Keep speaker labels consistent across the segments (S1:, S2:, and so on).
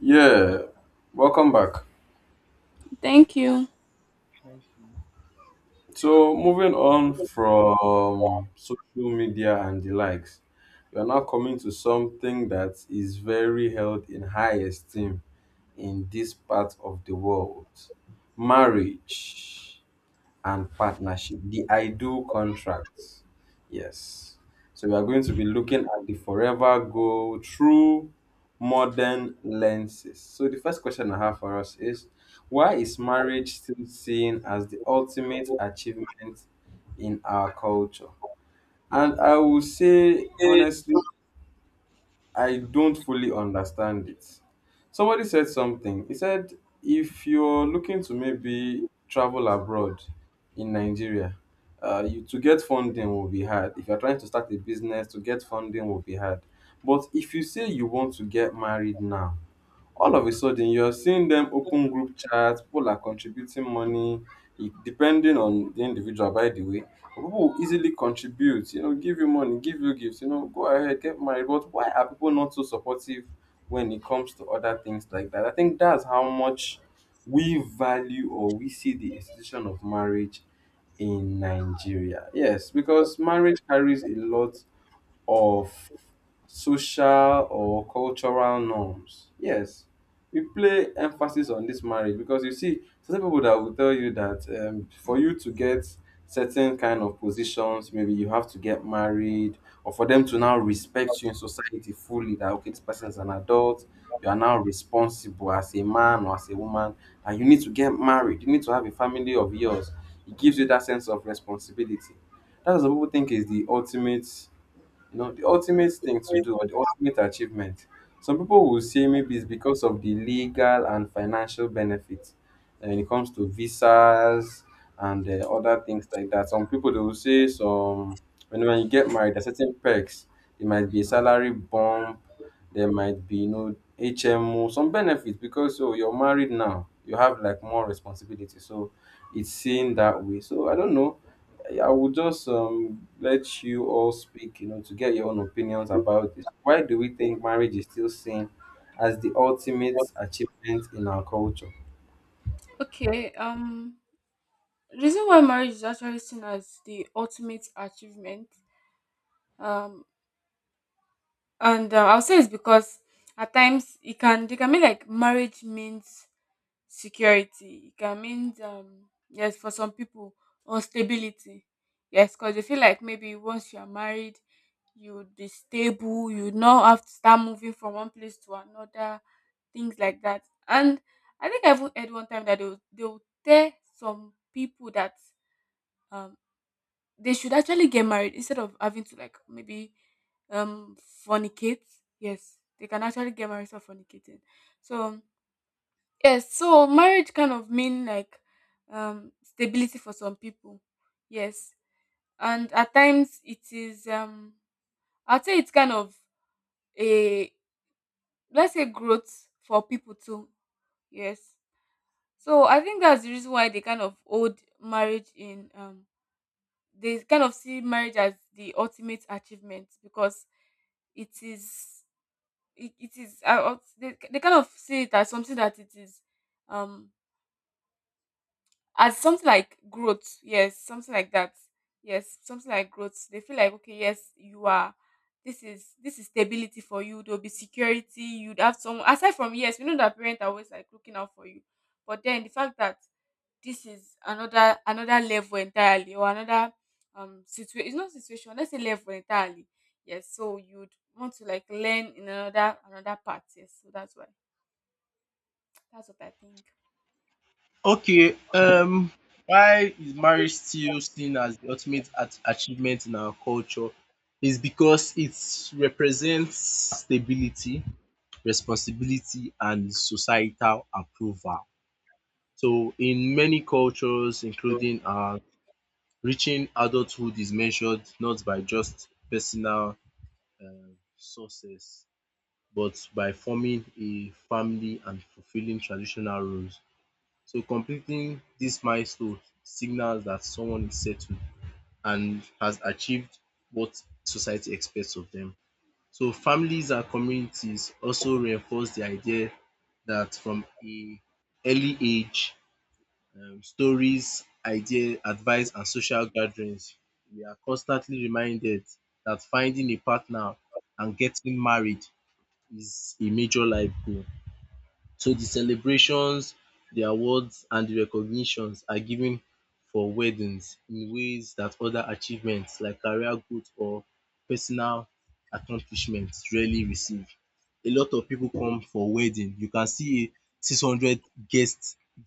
S1: Yeah, welcome back.
S2: Thank you.
S3: Thank you.
S1: So, moving on from social media and the likes, we are now coming to something that is very held in high esteem in this part of the world, marriage and partnership, the ideal contracts. Yes. So we are going to be looking at the forever goal through modern lenses. So the first question I have for us is, why is marriage still seen as the ultimate achievement in our culture? And I will say honestly, I don't fully understand it. Somebody said something. He said, if you're looking to maybe travel abroad in Nigeria, you, to get funding will be hard. If you're trying to start a business, to get funding will be hard. But if you say you want to get married now, all of a sudden you're seeing them open group chats, people are contributing money. Depending on the individual, by the way, but people will easily contribute, you know, give you money, give you gifts, you know, go ahead, get married. But why are people not so supportive when it comes to other things like that? I think that's how much we value or we see the institution of marriage in Nigeria. Yes, because marriage carries a lot of social or cultural norms. Yes, we play emphasis on this marriage because you see, certain people that will tell you that, for you to get certain kind of positions, maybe you have to get married, or for them to now respect you in society fully. That okay, this person is an adult. You are now responsible as a man or as a woman, and you need to get married. You need to have a family of yours. It gives you that sense of responsibility. That's what people think is the ultimate, you know, the ultimate thing to do or the ultimate achievement. Some people will say maybe it's because of the legal and financial benefits, when it comes to visas and other things like that. Some people they will say some, when you get married, there are certain perks. There might be a salary bump, there might be, you know, HMO, some benefits because so you're married now, you have like more responsibility. So it's seen that way. So I don't know, I will just let you all speak, you know, to get your own opinions about this. Why do we think marriage is still seen as the ultimate achievement in our culture?
S2: Okay. Reason why marriage is actually seen as the ultimate achievement. Um, and I'll say it's because at times it can they can be like marriage means security. It can mean yes, for some people, unstability. Yes, because they feel like maybe once you are married, you would be stable. You would not have to start moving from one place to another, things like that. And I think I even heard one time that they will tell some people that um they should actually get married instead of having to, like, maybe um fornicate. Yes, they can actually get married for fornicating. So yes, so marriage kind of mean like stability for some people. Yes. And at times it is I'd say it's kind of a, let's say, growth for people too. Yes. So I think that's the reason why they kind of hold marriage in they kind of see marriage as the ultimate achievement because it is it, it is they kind of see it as something that it is um as something like growth, yes, something like that, yes, something like growth. They feel like okay, yes, you are, this is stability for you, there'll be security, you'd have someone aside from, yes, we know that parents are always like looking out for you, but then the fact that this is another level entirely, or another situation it's not situation let's say level entirely, yes. So you'd want to, like, learn in another part, yes, so that's why, that's what I think.
S3: Okay, um, why is marriage still seen as the achievement in our culture? Is because it represents stability, responsibility, and societal approval. So, in many cultures, including reaching adulthood, is measured not by just personal success, but by forming a family and fulfilling traditional roles. So completing this milestone signals that someone is settled and has achieved what society expects of them. So families and communities also reinforce the idea that from a early age, stories, idea, advice, and social gatherings, we are constantly reminded that finding a partner and getting married is a major life goal. So the celebrations, the awards and the recognitions are given for weddings in ways that other achievements like career growth or personal accomplishment rarely receive. A lot of pipu come for wedding. You can see a 600 guest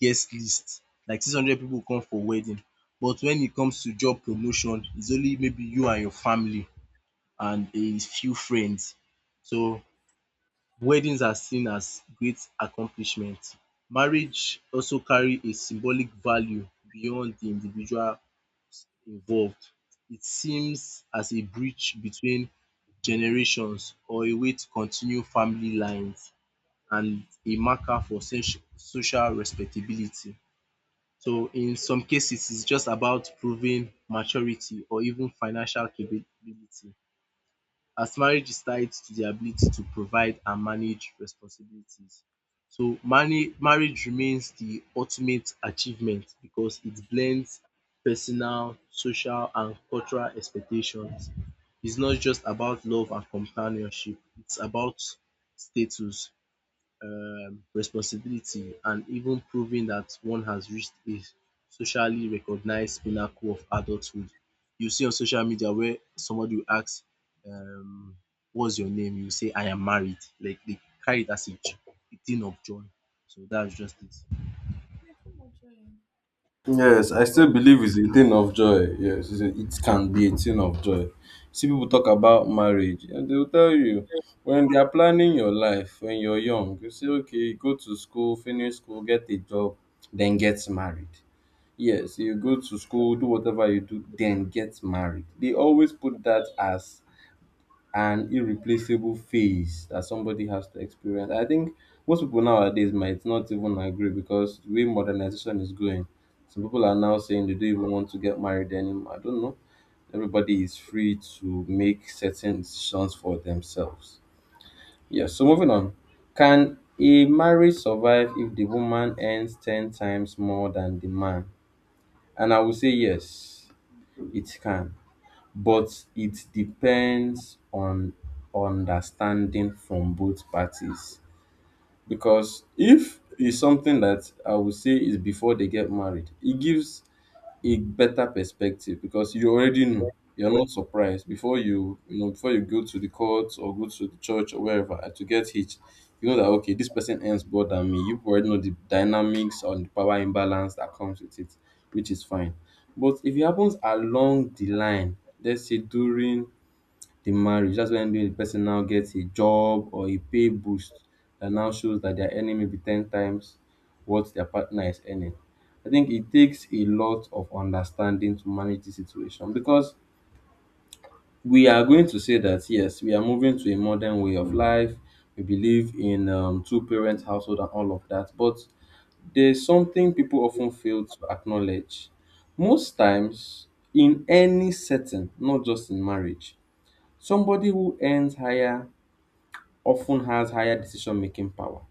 S3: guest list. Like 600 pipu come for wedding. But when it comes to job promotion, it's only maybe you and your family and a few friends. So weddings are seen as great accomplishment. Marriage also carry a symbolic value beyond the individual involved. It seems as a bridge between generations or a way to continue family lines and a marker for social respectability. So in some cases, it's just about proving maturity or even financial capability, as marriage is tied to the ability to provide and manage responsibilities. So marriage remains the ultimate achievement because it blends personal, social and cultural expectations. It's not just about love and companionship, it's about status, responsibility, and even proving that one has reached a socially recognized pinnacle of adulthood. You see on social media where somebody will ask, um, what's your name? You say, I am married. Like they carry it as a, a thing of joy. So that's just it.
S1: Yes, I still believe it's a thing of joy. Yes, it's a, it can be a thing of joy. See, people talk about marriage, and they'll tell you when they are planning your life when you're young, you say, okay, go to school, finish school, get a job, then get married. Yes, you go to school, do whatever you do, then get married. They always put that as an irreplaceable phase that somebody has to experience. I think most people nowadays might not even agree because the way modernization is going, some people are now saying they don't even want to get married anymore. I don't know. Everybody is free to make certain decisions for themselves. Yes, so moving on. Can a marriage survive if the woman earns 10 times more than the man? And I will say yes. It can, but it depends on understanding from both parties. Because if it's something that I would say is before they get married, it gives a better perspective because you already know, you're not surprised before you, you know, before you go to the court or go to the church or wherever and to get hitched, you know that okay, this person earns more than me. You already know the dynamics or the power imbalance that comes with it, which is fine. But if it happens along the line, let's say during the marriage. That's when the person now gets a job or a pay boost that now shows that they're earning maybe 10 times what their partner is earning. I think it takes a lot of understanding to manage the situation because we are going to say that yes, we are moving to a modern way of life. We believe in two parent household and all of that. But there's something people often fail to acknowledge. Most times, in any setting, not just in marriage, somebody who earns higher often has higher decision-making power.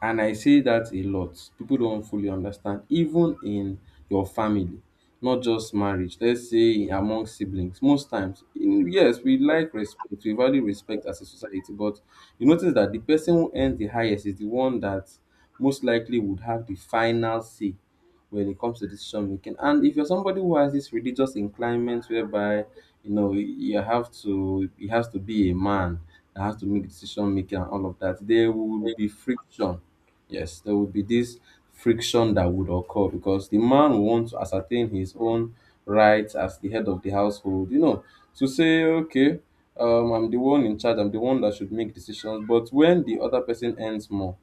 S1: And I say that a lot. People don't fully understand, even in your family, not just marriage. Let's say among siblings. Most times, in, yes, we like respect, we value respect as a society, but you notice that the person who earns the highest is the one that most likely would have the final say when it comes to decision making. And if you're somebody who has this religious inclination whereby you know, you have to, it has to be a man that has to make decision making and all of that, there will be friction. Yes, there would be this friction that would occur because the man wants to ascertain his own rights as the head of the household, you know, to say, okay, I'm the one in charge, I'm the one that should make decisions. But when the other person earns more,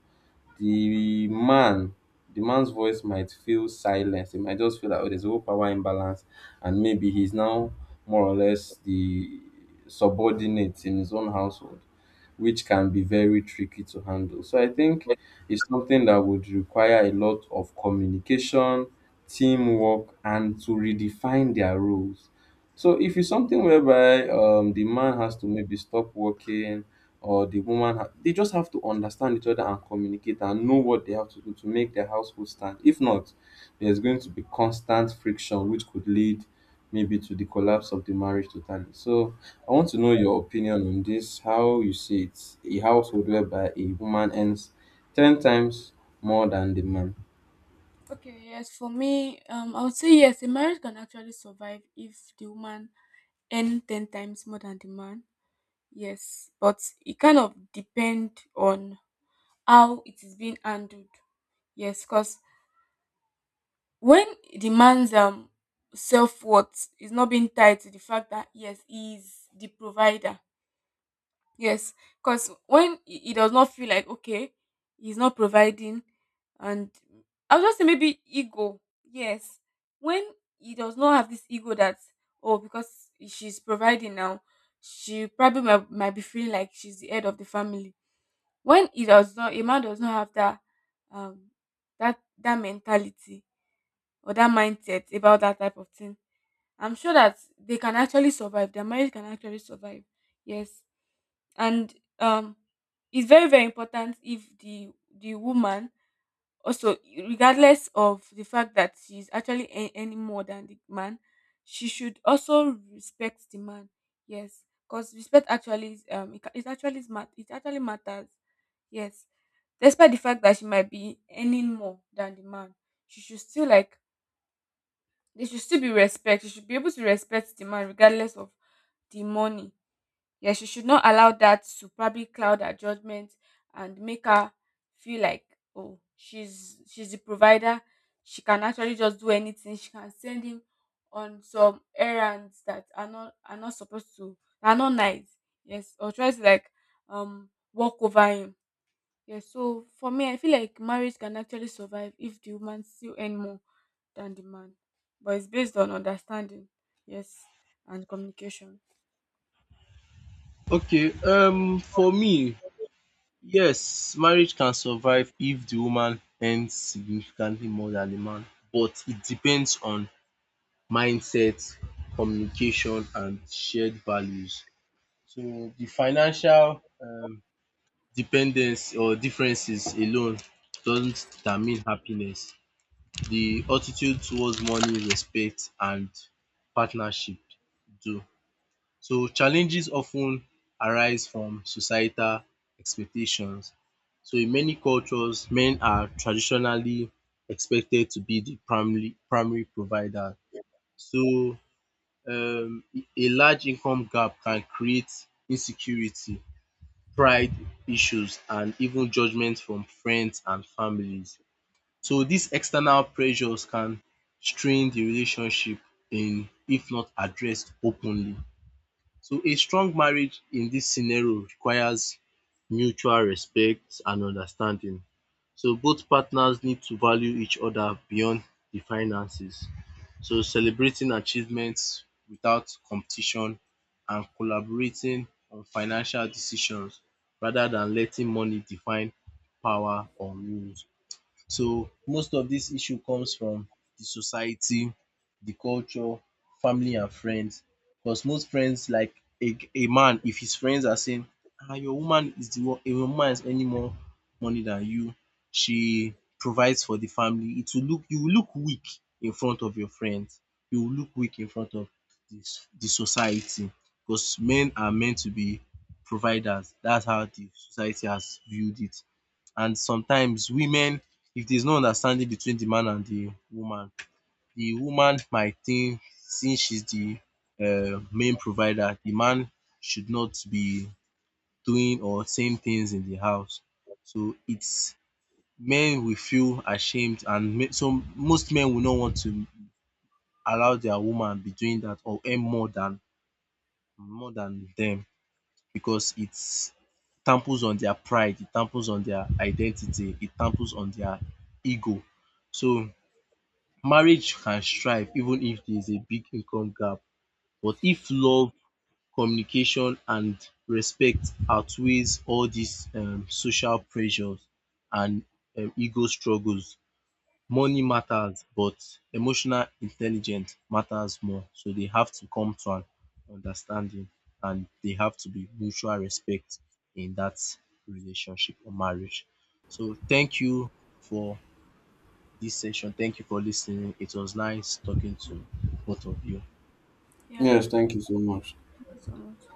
S1: the man, the man's voice might feel silenced. It might just feel like, oh, there's a whole power imbalance, and maybe he's now more or less the subordinate in his own household, which can be very tricky to handle. So I think it's something that would require a lot of communication, teamwork, and to redefine their roles. So if it's something whereby the man has to maybe stop working or the woman, they just have to understand each other and communicate and know what they have to do to make their household stand. If not, there's going to be constant friction, which could lead maybe to the collapse of the marriage totally. So I want to know your opinion on this, how you see it, a household whereby a woman earns 10 times more than the man.
S2: Okay, yes, for me, I would say yes, a marriage can actually survive if the woman earn 10 times more than the man. Yes, but it kind of depend on how it is being handled. Yes, because when the man's self-worth is not being tied to the fact that yes, he is the provider. Yes, because when he does not feel like okay, he's not providing, and I'll just say maybe ego. Yes, when he does not have this ego that oh, because she's providing now, she probably might be feeling like she's the head of the family. When he does not, a man does not have that um that mentality or that mindset about that type of thing. I'm sure that they can actually survive. Their marriage can actually survive. Yes, and um it's very important if the woman also, regardless of the fact that she's actually any more than the man, she should also respect the man. Yes, because respect actually is it actually matters, yes. Despite the fact that she might be earning more than the man, she should still like, there should still be respect. She should be able to respect the man regardless of the money. Yeah, she should not allow that to probably cloud her judgment and make her feel like oh, she's the provider. She can actually just do anything. She can send him on some errands that are not supposed to, are not nice. Yes, or try to like walk over him. Yes, so for me, I feel like marriage can actually survive if the woman still earn more than the man, but it's based on understanding. Yes, and communication.
S3: Okay, for me, yes, marriage can survive if the woman earns significantly more than the man, but it depends on mindset, communication and shared values. So the financial dependence or differences alone doesn't determine happiness. The attitude towards money, respect and partnership do. So challenges often arise from societal expectations. So in many cultures, men are traditionally expected to be the primary provider. So um a large income gap can create insecurity, pride issues and even judgment from friends and families. So these external pressures can strain the relationship in if not addressed openly. So a strong marriage in this scenario requires mutual respect and understanding. So both partners need to value each other beyond the finances. So celebrating achievements without competition and collaborating on financial decisions rather than letting money define power or rules. So most of this issue comes from the society, the culture, family and friends, because most friends, like, a man, if his friends are saying, "Ah, your woman is the one, your woman is earning more money than you, she provides for the family," it will look, you will look weak in front of your friends, you will look weak in front of this, the society, because men are meant to be providers. That's how the society has viewed it. And sometimes women, if there's no understanding between the man and the woman might think, since she's the main provider, the man should not be doing or saying things in the house. So it's men will feel ashamed, and so most men will not want to allow their woman be doing that or earn more than them because it's tamples on their pride, it tamples on their identity, it tamples on their ego. So marriage can thrive even if there is a big income gap, but if love, communication and respect outweighs all these social pressures and ego struggles, money matters but emotional intelligence matters more. So they have to come to an understanding and they have to be mutual respect in that relationship or marriage. So thank you for this session. Thank you for listening. It was nice talking to both of you.
S2: Yeah,
S1: Yes, thank you so much.
S2: thank you so much.